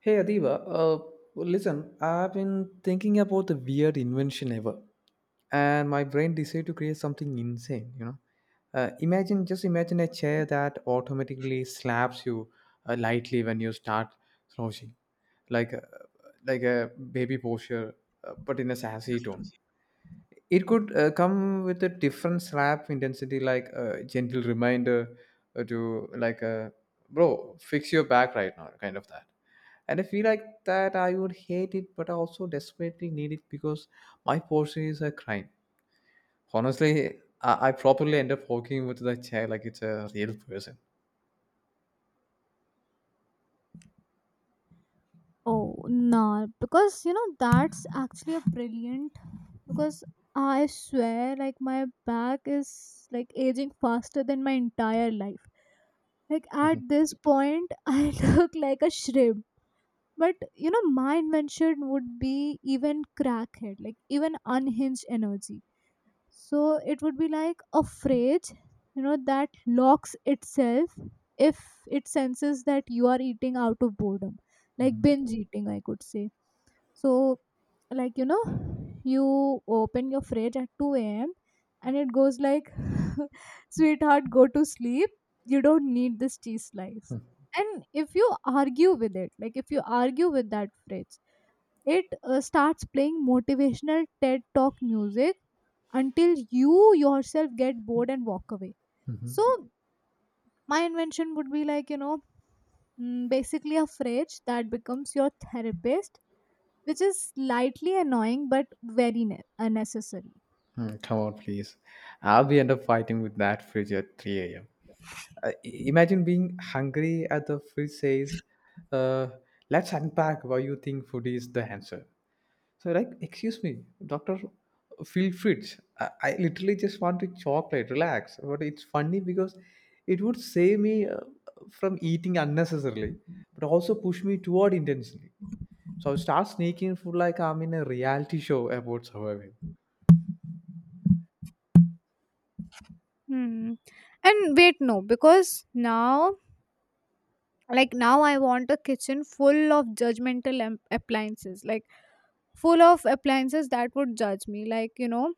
Hey Adiba, listen, I've been thinking about the weird invention ever. And my brain decided to create something insane. Imagine, just imagine a chair that automatically slaps you lightly when you start slouching, like a, like a baby posture, but in a sassy tone. It could come with a different slap intensity, like a gentle reminder to, like, a bro, fix your back right now, kind of that. And I feel like that I would hate it, but I also desperately need it because my posture is a crime. Honestly, I probably end up walking with the chair like it's a real person. Oh, no, because you know that's actually a brilliant because I swear like my back is like aging faster than my entire life. Like at Mhm, this point I look like a shrimp. But you know my invention would be even crackhead, like even unhinged energy so it would be like a fridge, you know, that locks itself if it senses that you are eating out of boredom, like mhm, binge eating, I could say. So, like, you know, you open your fridge at 2 a.m. and it goes like, sweetheart, go to sleep. You don't need this cheese slice. And if you argue with it, like, if you argue with that fridge, it starts playing motivational TED Talk music until you yourself get bored and walk away. mhm. So my invention would be like, you know, basically a fridge that becomes your therapist, which is slightly annoying but very unnecessary. Mm, come on, please. I'll be end up fighting with that fridge at 3 a.m. Imagine being hungry at the fridge says, uh, let's unpack why you think food is the answer. So like, excuse me, doctor, feel fridge. I literally just want to chocolate, relax. But it's funny because it would save me from eating unnecessarily, but also push me toward intentionally. So I start sneaking food like I'm in a reality show about surviving. Hmm. And wait, no, because now, like now, I want a kitchen full of judgmental appliances, like full of appliances that would judge me. Like, you know,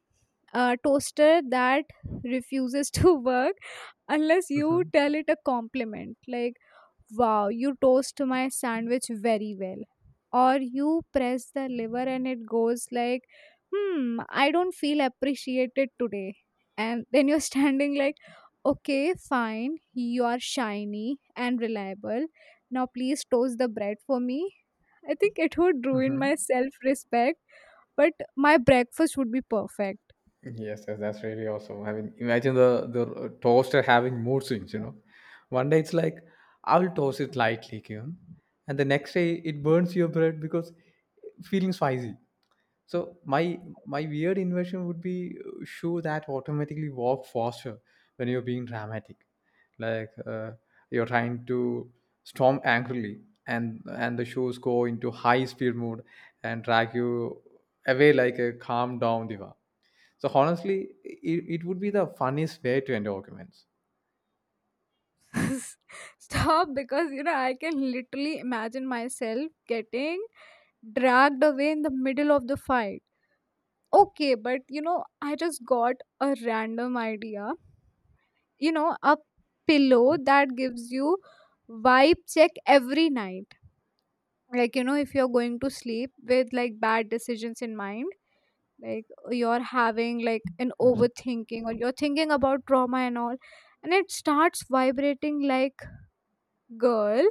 a toaster that refuses to work unless you Mhm, tell it a compliment like, wow, you toast my sandwich very well, or you press the lever and it goes like, hmm, I don't feel appreciated today. And then you're standing like, okay, fine, you are shiny and reliable, now please toast the bread for me. I think it would ruin my mhm. self respect, but my breakfast would be perfect. Yes, yes, that's really awesome. I mean, imagine the toaster having mood swings. You know, one day it's like I'll toast it lightly, you, and the next day it burns your bread because feeling spicy. So my weird invention would be shoe that automatically walk faster when you're being dramatic, like you're trying to storm angrily, and the shoes go into high speed mode and drag you away like a calm down diva. So honestly, it would be the funniest way to end arguments. Stop, because you know I can literally imagine myself getting dragged away in the middle of the fight. Okay, but you know, I just got a random idea. You know, a pillow Mhm, that gives you vibe check every night. Like, you know, if you're going to sleep with like bad decisions in mind, like you're having like an mhm, overthinking or you're thinking about trauma and all, and it starts vibrating like, girl,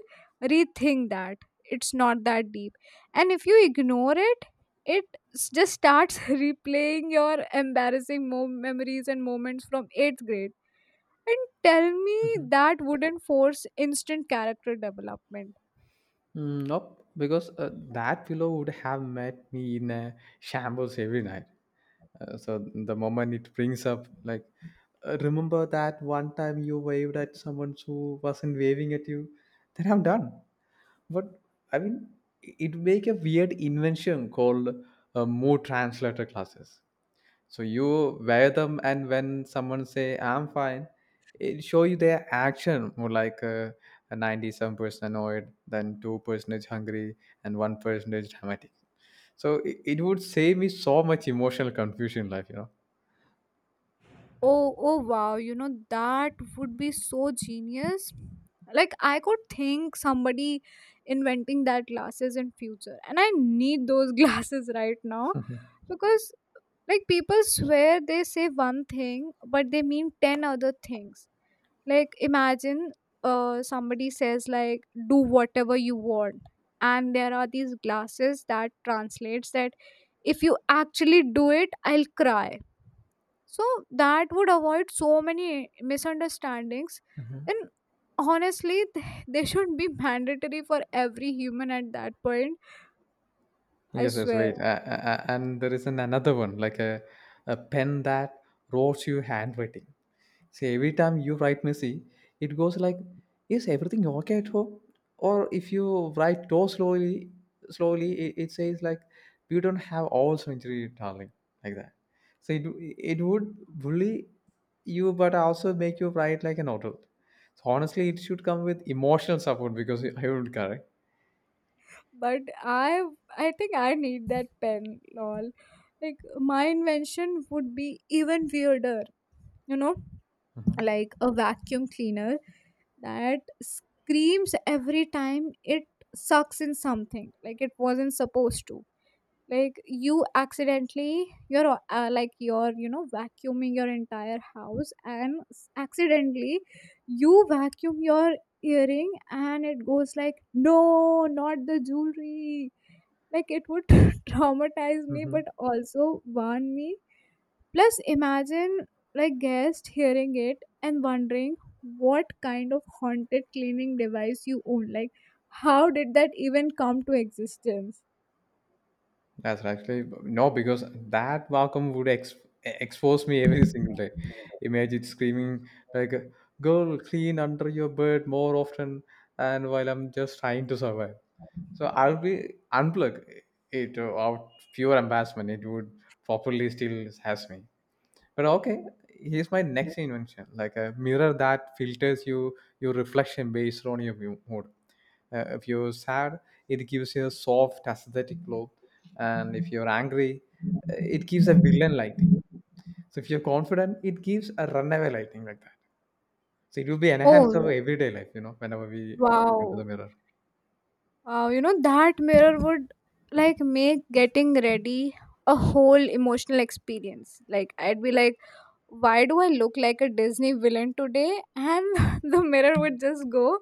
rethink that, it's not that deep. And if you ignore it, it just starts replaying your embarrassing memories and moments from 8th grade, and tell me mhm. that wouldn't force instant character development. Mm, nope, because that pillow would have met me in a shambles every night. So the moment it brings up, like, remember that one time you waved at someone who wasn't waving at you," then I'm done. But I mean, it make a weird invention called mood translator classes. So you wear them, and when someone say "I'm fine," it show you their action more like a 90 some percent annoyed, then 2% is hungry, and one person is dramatic. So it would save me so much emotional confusion in life, you know. Oh, wow, you know that would be so genius. Like, I could think somebody inventing that glasses in future, and I need those glasses right now, because like people swear they say one thing but they mean 10 other things. Like imagine somebody says like, do whatever you want, and there are these glasses that translates that, if you actually do it I'll cry. So that would avoid so many misunderstandings. Mhm. And honestly, they should be mandatory for every human at that point, I Yes, yes, swear. right. And there is an another one like a pen that wrote you handwriting. So every time you write messy, it goes like, "Is everything okay at home?" Or if you write too slowly, slowly, it says like, "You don't have all surgery, darling," like that. So it would bully you, but also make you write like an adult. So honestly, it should come with emotional support because I would correct. But I think I need that pen, lol. Like my invention would be even weirder, you know, like a vacuum cleaner that screams every time it sucks in something like it wasn't supposed to. Like you accidentally, you're like, you're, you know, vacuuming your entire house and accidentally you vacuum your earring and it goes like, no, not the jewelry. Like it would traumatize me Mm-hmm. but also warn me. Plus imagine like guest hearing it and wondering what kind of haunted cleaning device you own, like how did that even come to existence. That's right. Actually no, because that vacuum would expose me every single day. Imagine it screaming like, "Girl, clean under your bed more often," and while I'm just trying to survive, so I'll be unplug it out of pure embarrassment. It would properly still has me. But okay, here's my next invention, like a mirror that filters you your reflection based on your mood. If you're sad, it gives you a soft aesthetic glow, and if you're angry, it gives a villain lighting. So if you're confident, it gives a runaway lighting like that. So it will be enhanced our Oh, everyday life, you know, whenever we look into the wow. mirror. Wow, you know, that mirror would like make getting ready a whole emotional experience. Like, I'd be like, why do I look like a Disney villain today? And the mirror would just go,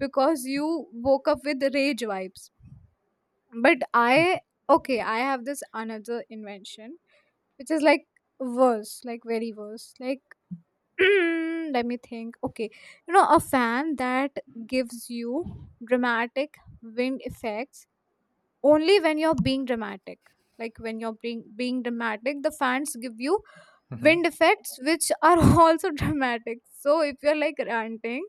because you woke up with rage vibes. But I, okay, I have this another invention, which is like worse, like very worse. Like, let me think. Okay, you know, a fan that gives you dramatic wind effects only when you're being dramatic. Like when you're being dramatic, the fans give you wind effects which are also dramatic. So if you're like ranting,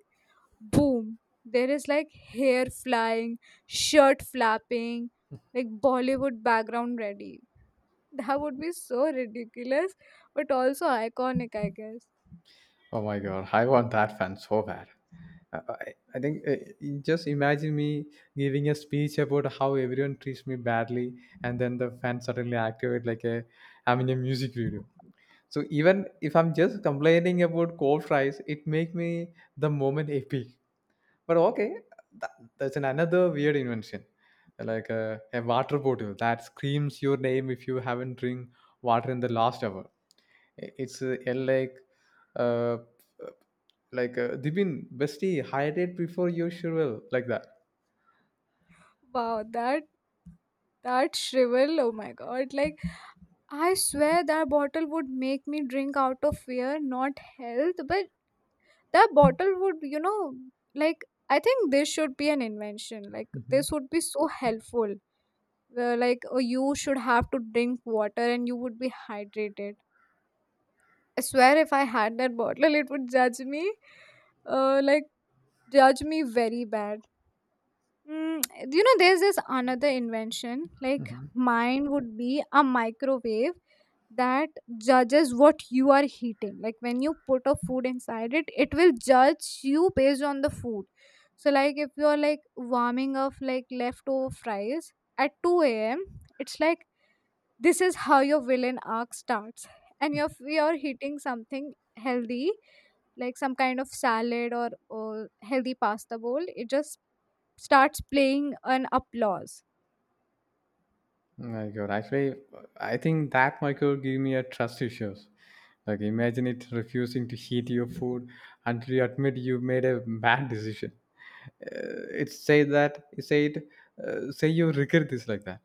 boom, there is like hair flying, shirt flapping, like Bollywood background ready. That would be so ridiculous but also iconic, I guess. Oh my god, I want that fan so bad. I think just imagine me giving a speech about how everyone treats me badly, and then the fan suddenly activate like a I'm in a music video. So even if I'm just complaining about cold fries, it make me the moment epic. But okay, that, that's an another weird invention, like a water bottle that screams your name if you haven't drink water in the last hour. It's uh, uh, like Dibin bestie hydrate before you sure like that. Wow, that shrivel, oh my god, like, I swear that bottle would make me drink out of fear, not health. But that bottle would, you know, like, I think this should be an invention, like Hmm, this would be so helpful, where, like, you should have to drink water and you would be hydrated. I swear if I had that bottle it would judge me, like judge me very bad. mm, you know there's this another invention like hmm. mine would be a microwave that judges what you are heating. Like when you put a food inside it, it will judge you based on the food. So like if you're like warming up like leftover fries at 2 a.m., it's like, this is how your villain arc starts. And if you're heating something healthy, like some kind of salad or healthy pasta bowl, it just starts playing an applause. My God, actually, I think that microbe gave me a trust issues. Like, imagine it refusing to heat your food until you admit you made a bad decision. It say that it said, say you regret this like that.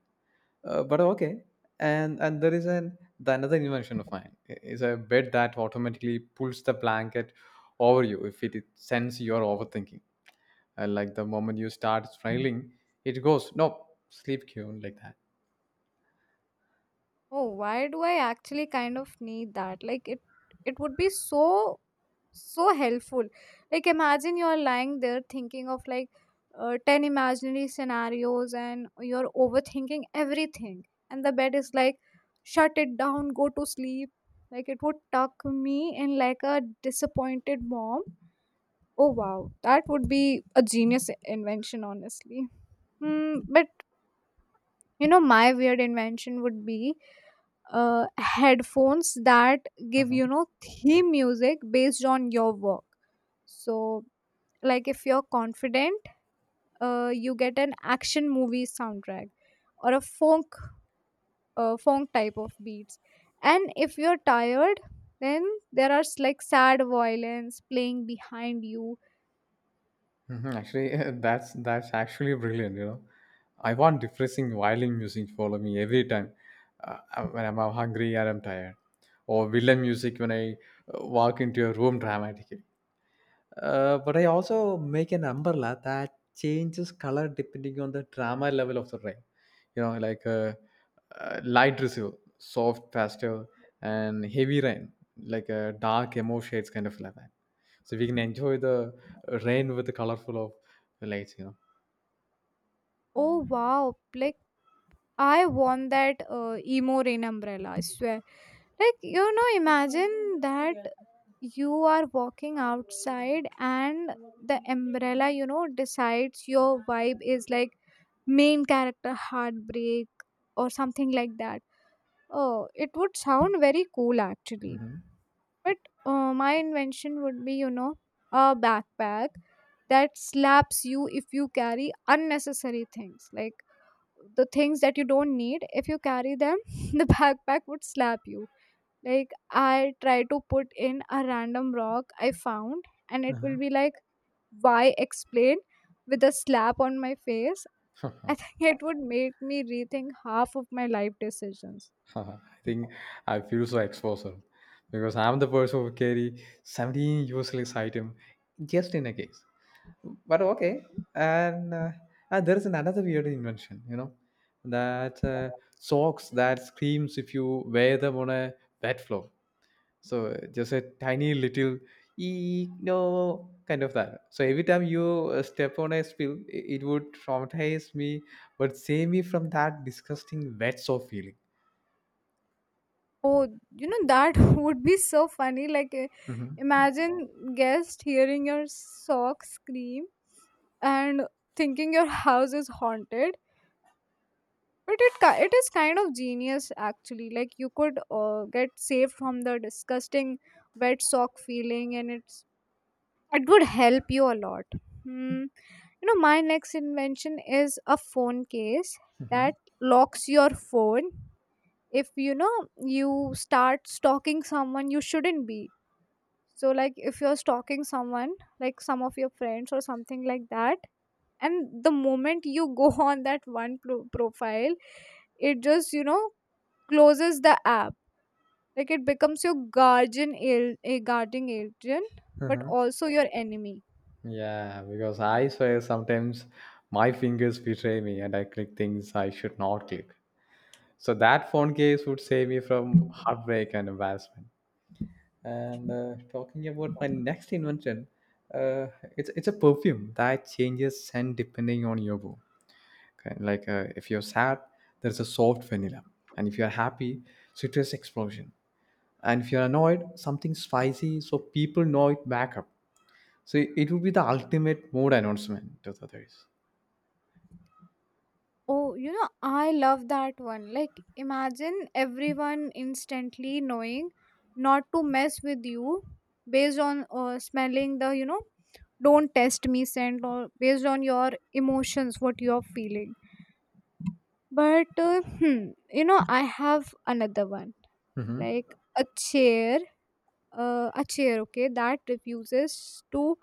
But okay, and there is an the another invention of mine is a bed that automatically pulls the blanket over you if it sends you're overthinking. Like the moment you start smiling, it goes no sleep cue like that. Oh, why do I actually kind of need that? Like it would be so so helpful. Like imagine you're lying there thinking of like 10 imaginary scenarios and you're overthinking everything, and the bed is like, shut it down, go to sleep. Like it would tuck me in like a disappointed mom. Oh wow, that would be a genius invention honestly. Hmm, but you know my weird invention would be headphones that give you Mhm. know theme music based on your work. So like if you're confident, you get an action movie soundtrack or a funk, funk type of beats. And if you're tired, then there are like sad violins playing behind you. Mhm, actually, that's actually brilliant. You know, I want depressing violin music to follow me every time when I'm hungry or I'm tired, or villain music when I walk into a room dramatic. But I also make an umbrella that changes color depending on the drama level of the rain. You know, like light drizzle, soft pastel, and heavy rain, like dark emo shades kind of like that. So we can enjoy the rain with the colorful of the lights, you know. Oh wow, like I want that emo rain umbrella, I swear. Like, you know, imagine that you are walking outside and the umbrella, you know, decides your vibe is like main character heartbreak or something like that. Oh, it would sound very cool actually. Mhm. But my invention would be, you know, a backpack that slaps you if you carry unnecessary things, like the things that you don't need, if you carry them, the backpack would slap you. Like I try to put in a random rock I found and it will be like, why, explain, with a slap on my face. I Uh-huh. think it would make me rethink half of my life decisions. I think I feel so exposed because I'm the person who carry 17 useless item just in a case. But okay, and there is another weird invention, you know, that socks that screams if you wear them on a wet floor. So just a tiny little eek no kind of that. So every time you step on a spill, it would traumatize me, but save me from that disgusting wet sock feeling. Oh, you know that would be so funny. Like, Hmm, imagine guest hearing your sock scream and thinking your house is haunted, but it it is kind of genius actually. Like you could get saved from the disgusting wet sock feeling, and it's, it would help you a lot. Hmm. You know my next invention is a phone case hmm, that locks your phone if, you know, you start stalking someone you shouldn't be. So like if you're stalking someone, like some of your friends or something like that, and the moment you go on that one profile, it just, you know, closes the app. Like it becomes your guardian a guarding agent, but hmm. also your enemy. Yeah, because I swear sometimes my fingers betray me and I click things I should not click. So that phone case would save me from heartbreak and embarrassment. And talking about my next invention, uh, it's a perfume that changes scent depending on your mood. Okay? Like if you're sad, there's a soft vanilla, and if you're happy, citrus explosion. And if you're annoyed, something spicy, so people know it back up. So it would be the ultimate mood announcement to the others. Oh, you know, I love that one. Like, imagine everyone instantly knowing not to mess with you based on smelling the, you know, don't test me scent, or based on your emotions, what you're feeling. But, hmm, you know, I have another one Hmm. like a chair, a chair, okay, that refuses to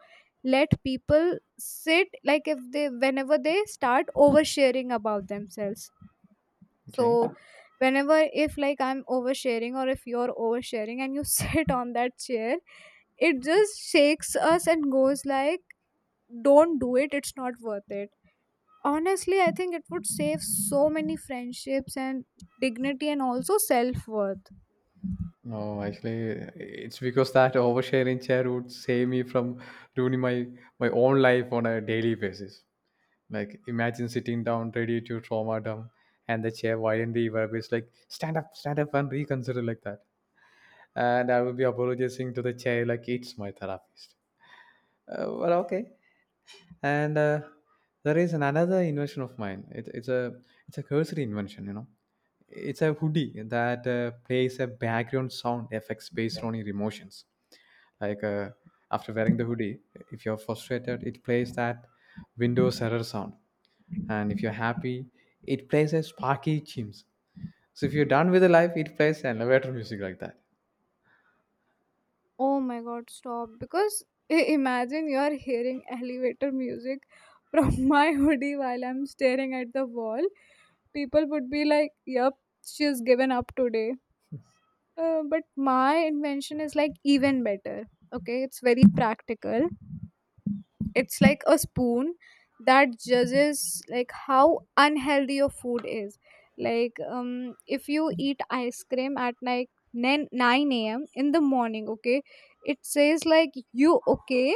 let people sit like if they, whenever they start oversharing about themselves. Okay. So whenever, if like I'm oversharing or if you're oversharing and you sit on that chair, it just shakes us and goes like, don't do it, it's not worth it. Honestly I think it would save so many friendships and dignity and also self-worth. No, actually, it's because that oversharing chair would save me from ruining my own life on a daily basis. Like, imagine sitting down ready to trauma dump, and the chair violently vibrates like, stand up, and reconsider," like that. And I will be apologizing to the chair like it's my therapist. Well, okay. And there is another invention of mine. It, it's a cursory invention, you know. It's a hoodie that plays a background sound effects based on your emotions like after wearing the hoodie. If you're frustrated, it plays that windows error sound, and if you're happy, it plays a sparky chimes, so if you're done with the life, it plays elevator music like that. Oh my god, stop. Because imagine you're hearing elevator music from my hoodie while I'm staring at the wall. People would be like, yup, she's given up today. But my invention is like even better. Okay, it's very practical, it's like a spoon that judges like how unhealthy your food is. Like if you eat ice cream at like 9 a.m. in the morning, okay, it says like, you okay?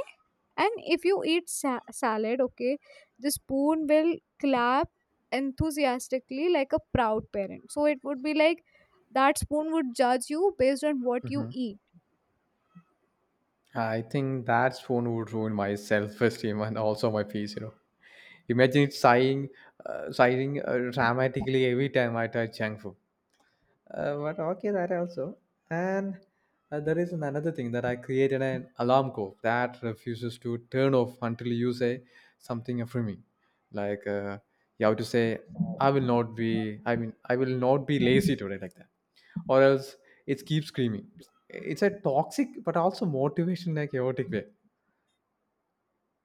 And if you eat salad, okay, the spoon will clap enthusiastically like a proud parent. So it would be like, that spoon would judge you based on what you eat. I think that phone would ruin my self-esteem and also my peace, you know. Imagine it sighing, sighing dramatically every time I touch junk food. But okay, that also. And there is another thing that I created an alarm code that refuses to turn off until you say something affirming. Like you have to say, "I will not be," I mean, "I will not be lazy today," like that, or else it keeps screaming. It's a toxic but also motivation in a chaotic way.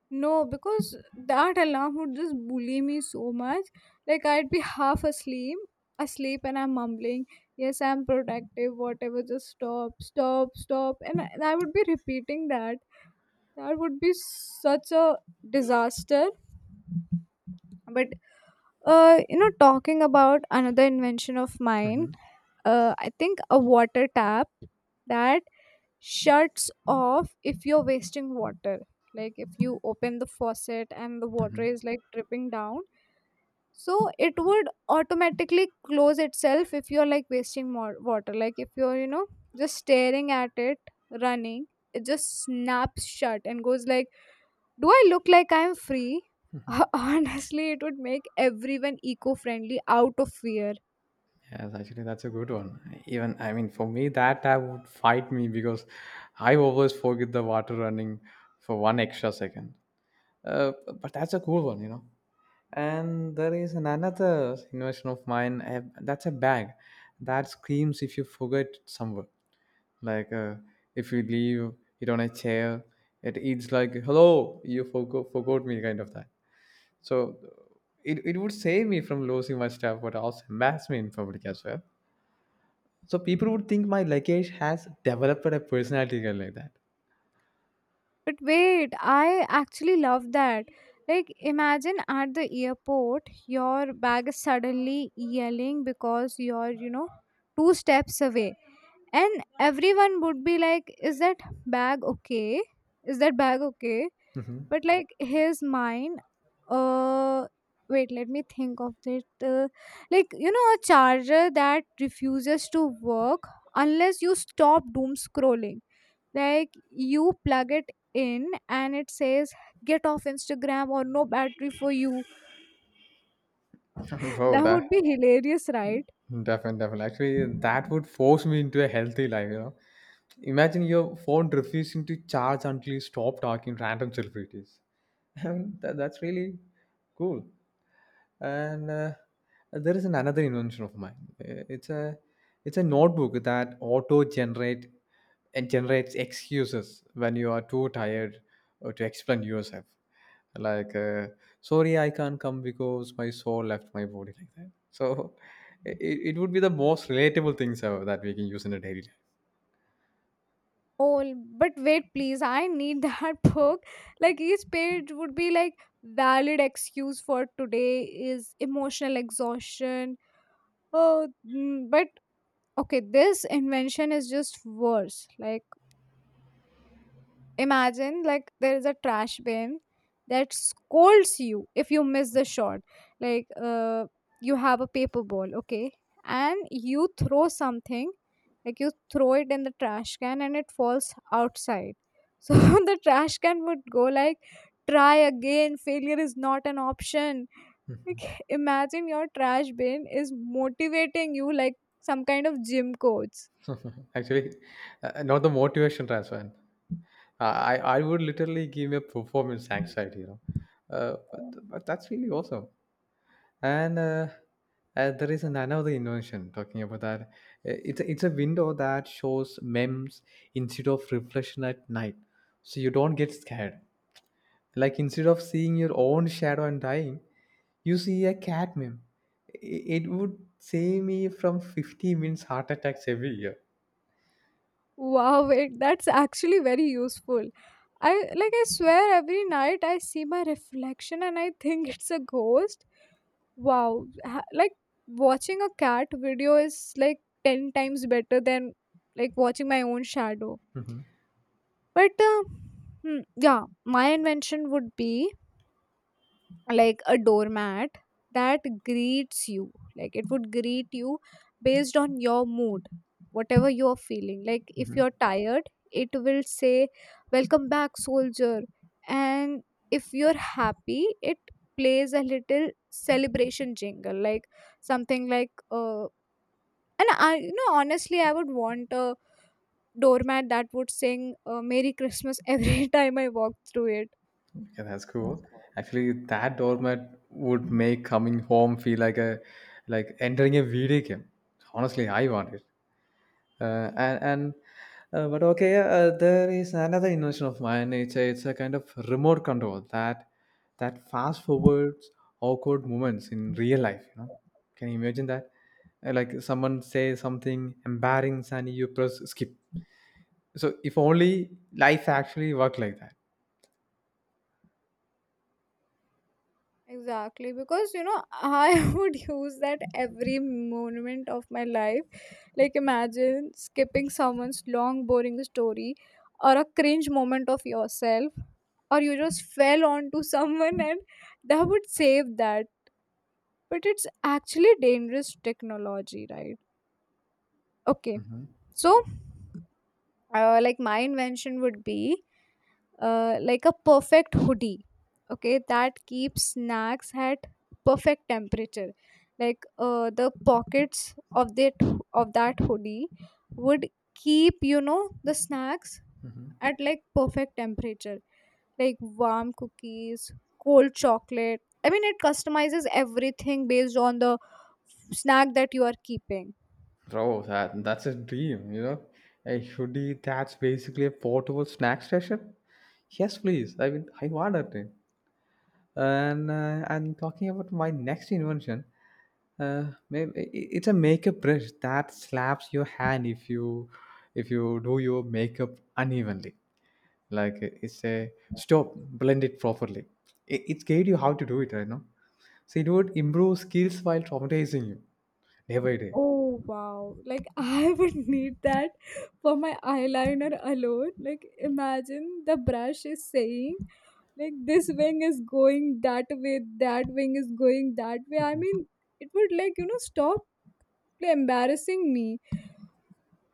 No, because that alarm would just bully me so much. Like I'd be half asleep, and I'm mumbling, "Yes, I'm productive. Whatever, just stop, stop, stop." And I would be repeating that. That would be such a disaster. But talking about another invention of mine. Hmm. I think a water tap that shuts off if you're wasting water, like if you open the faucet and the water is like dripping down, so it would automatically close itself if you're like wasting more water, like if you're, just staring at it running, it just snaps shut and goes like, do I look like I'm free? Honestly, it would make everyone eco friendly out of fear. Yes, actually, that's a good one. Even, I mean, for me, that tab would fight me because I always forget the water running for one extra second. Uh, but that's a cool one, you know. And there is an- another invention of mine. I have- That's a bag that screams if you forget it somewhere. Like if you leave it on a chair, it eats like, "Hello, you forgot me," kind of that. So it would save me from losing my stuff, but also embarrass me in public as well, so people would think my luggage has developed a personality like that. But wait, I actually love that. Like, imagine at the airport, your bag is suddenly yelling because you're, two steps away. And everyone would be like, is that bag okay? Is that bag okay? Mhm. But like his mind, uh wait, let me think of it. uh, like, a charger that refuses to work unless you stop doom scrolling. Like you plug it in and it says, get off Instagram or no battery for you. Bro, That that would be hilarious, right? definitely, definitely. Actually, that would force me into a healthy life, you know. Imagine your phone refusing to charge until you stop talking random celebrities. I mean, that's really cool. And there is an another invention of mine. It's a notebook that auto generate and generates excuses when you are too tired to explain yourself. Like, sorry, I can't come because my soul left my body like that. So, it would be the most relatable things ever that we can use in a daily life. Oh, but wait, please, I need that book. Like each page would be like, valid excuse for today is emotional exhaustion. Oh, but okay, this invention is just worse. Like, imagine like there is a trash bin that scolds you if you miss the shot. Like, you have a paper ball, okay, and you throw something, like you throw it in the trash can and it falls outside. So the trash can would go like, "Try again. Failure is not an option." Like, imagine your trash bin is motivating you like some kind of gym coach. Actually, not the motivation transfer. I I would literally give me a performance anxiety, you know. But that's really awesome. And there is an- another invention talking about that. It's a window that shows memes instead of reflection at night, so you don't get scared. Like instead of seeing your own shadow and dying, you see a cat meme. It would save me from 50 minutes heart attacks every year. Wow, that's actually very useful. I like, I swear every night I see my reflection and I think it's a ghost. Wow, like watching a cat video is like 10 times better than like watching my own shadow. hmm But yeah, my invention would be like a doormat that greets you. Like it would greet you based on your mood, whatever you're feeling. Like if you're tired, it will say, welcome back soldier. And if you're happy, it plays a little celebration jingle, like something like and I, honestly, I would want a doormat that would sing Merry Christmas every time I walk through it. Yeah, that's cool. Actually, that doormat would make coming home feel like a like entering a video game. Honestly, I want it. Uh, and and there is another invention of mine. It's a kind of remote control that fast forwards awkward moments in real life. You know, can you imagine that? Like someone says something embarrassing and you press skip. So if only life actually worked like that. Exactly, because, I would use that every moment of my life. Like, imagine skipping someone's long, boring story, or a cringe moment of yourself, or you just fell onto someone, and that would save that. But it's actually dangerous technology, right? Okay, hmm so, like, my invention would be like a perfect hoodie, okay, that keeps snacks at perfect temperature. Like, the pockets of that hoodie would keep, the snacks hmm at like perfect temperature. Like warm cookies, cold chocolate. I mean, it customizes everything based on the snack that you are keeping. Bro, that's a dream, you know. A hoodie that's basically a portable snack station. Yes, please. I mean, I want that thing. And talking about my next invention, uh, maybe i- it's a makeup brush that slaps your hand if you do your makeup unevenly. It's a stop, blend it properly. It's guide you how to do it, right now. So it would improve skills while traumatizing you day by day. Oh wow. Like I would need that for my eyeliner alone. Like imagine the brush is saying like, this wing is going that way, that wing is going that way. I mean, it would like, stop embarrassing me.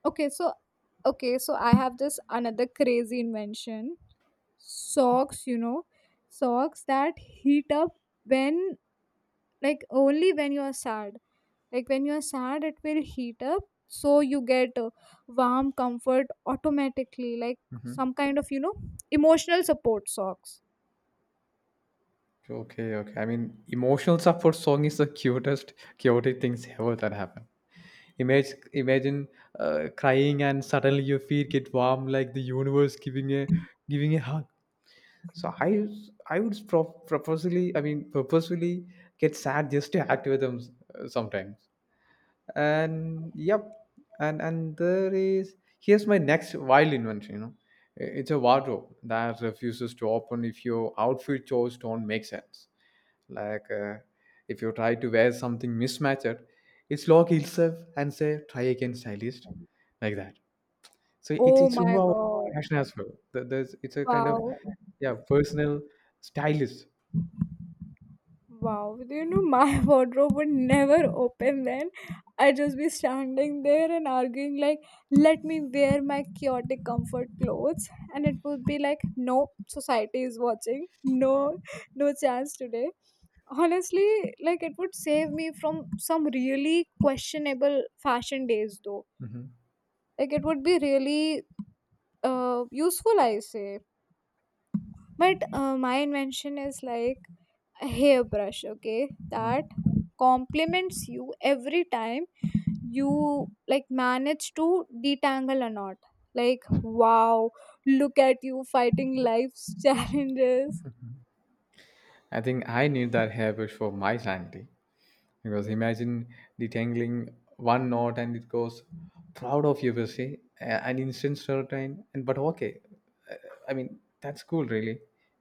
Okay, so okay, so I have this another crazy invention. Socks, socks that heat up when, like only when you are sad. Like when you are sad, it will heat up so you get warm comfort automatically, like Mm-hmm. some kind of, emotional support socks. Okay, okay. I mean, emotional support song is the cutest, chaotic things ever that happen. Imagine, imagine crying and suddenly your feet get warm like the universe giving a hug. So I would purposefully get sad just to activate them sometimes. And yep, and there is here's my next wild invention. You know, it's a wardrobe that refuses to open if your outfit choice don't make sense like uh, if you try to wear something mismatched, it's lock itself and say try again stylist, like that. So it's Oh it's my about god. fashion as well. There- there's it's a kind of, Wow. yeah, personal stylist. Wow, my wardrobe would never open then. I just be standing there and arguing like, let me wear my chaotic comfort clothes. And it would be like, no, society is watching, no, no chance today. Honestly, like it would save me from some really questionable fashion days though. hmm Like it would be really useful, I say. But my invention is like a hairbrush, okay, that compliments you every time you like manage to detangle a knot. Like, wow, look at you fighting life's challenges. I think I need that hairbrush for my sanity. Because imagine detangling one knot and it goes proud of you, per se, a- an instant certain, and but okay, Uh, I mean that's cool, really,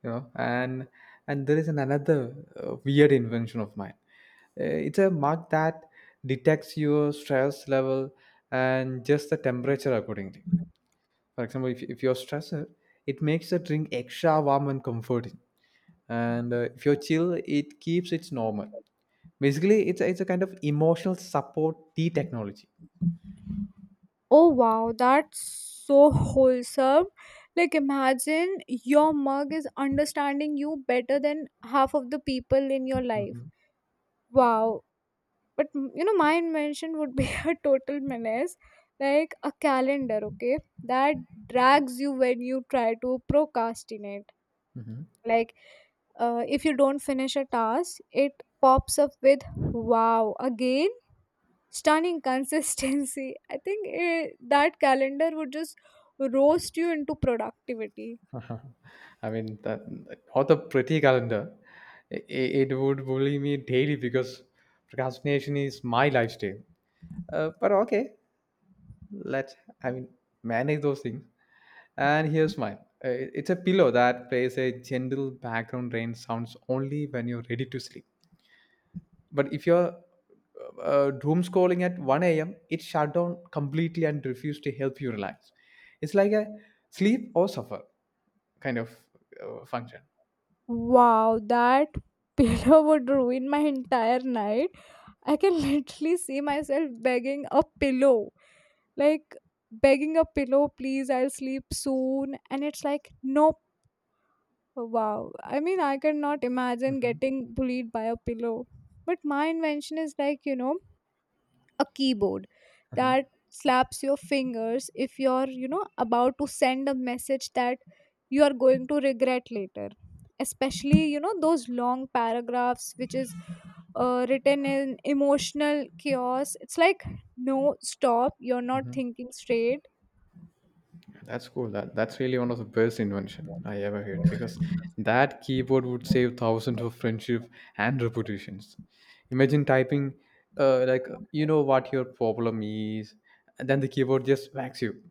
you know. And there is an another weird invention of mine. It's a mug that detects your stress level and just the temperature accordingly. For example, if you're stressed, it makes the drink extra warm and comforting, and if you're chill, it keeps it normal. Basically, it's a kind of emotional support tea technology. Oh wow, that's so wholesome. Like imagine your mug is understanding you better than half of the people in your life. Mhm, Wow. But my invention would be a total menace. Like a calendar, okay? That drags you when you try to procrastinate. Like, if you don't finish a task, it pops up with, wow, again, stunning consistency. I think that calendar would just roast you into productivity. mhm. I mean, that author Pretty Calendar, it would bully me daily because procrastination is my lifestyle. But okay, let's, I mean, Manage those things. And here's mine. Uh, It's a pillow that plays a gentle background rain sounds only when you're ready to sleep. But if you're doom scrolling at 1 a.m., it shut down completely and refused to help you relax. It's like a sleep or suffer kind of function. Wow, that pillow would ruin my entire night. I can literally see myself begging a pillow. Like, begging a pillow, please, I'll sleep soon. And it's like, nope. Wow. I mean, I cannot imagine Mhm. getting bullied by a pillow. But my invention is like, a keyboard Uh-huh. that slaps your fingers if you're, about to send a message that you are going to regret later. Especially, those long paragraphs which is written in emotional chaos. It's like, no, stop, you're not thinking straight. That's cool. That's really one of the best invention I ever heard because that keyboard would save thousands of friendship and reputations. Imagine typing, like, you know what your problem is, and then the keyboard just whacks you.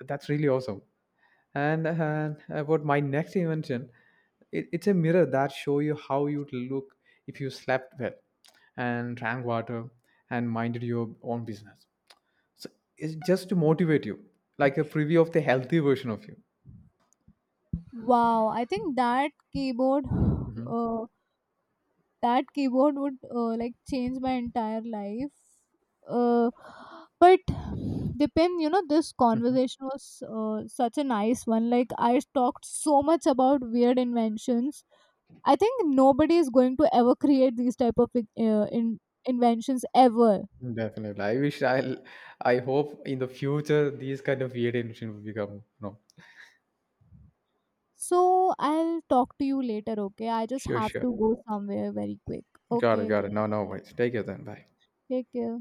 That's really awesome. And about my next invention, it's a mirror that show you how you'd look if you slept well and drank water and minded your own business. So it's just to motivate you, like a preview of the healthy version of you. Wow, I think that keyboard, Mhm. uh, would like change my entire life. uh, but depend, this conversation was such a nice one. Like I talked so much about weird inventions. I think nobody is going to ever create these type of inventions ever. Definitely. I hope in the future these kind of weird invention will become, no, So I'll talk to you later, okay? I just sure, have sure. to go somewhere very quick. Got it, Okay, got it. No, no worries. Take it then. Bye. take care.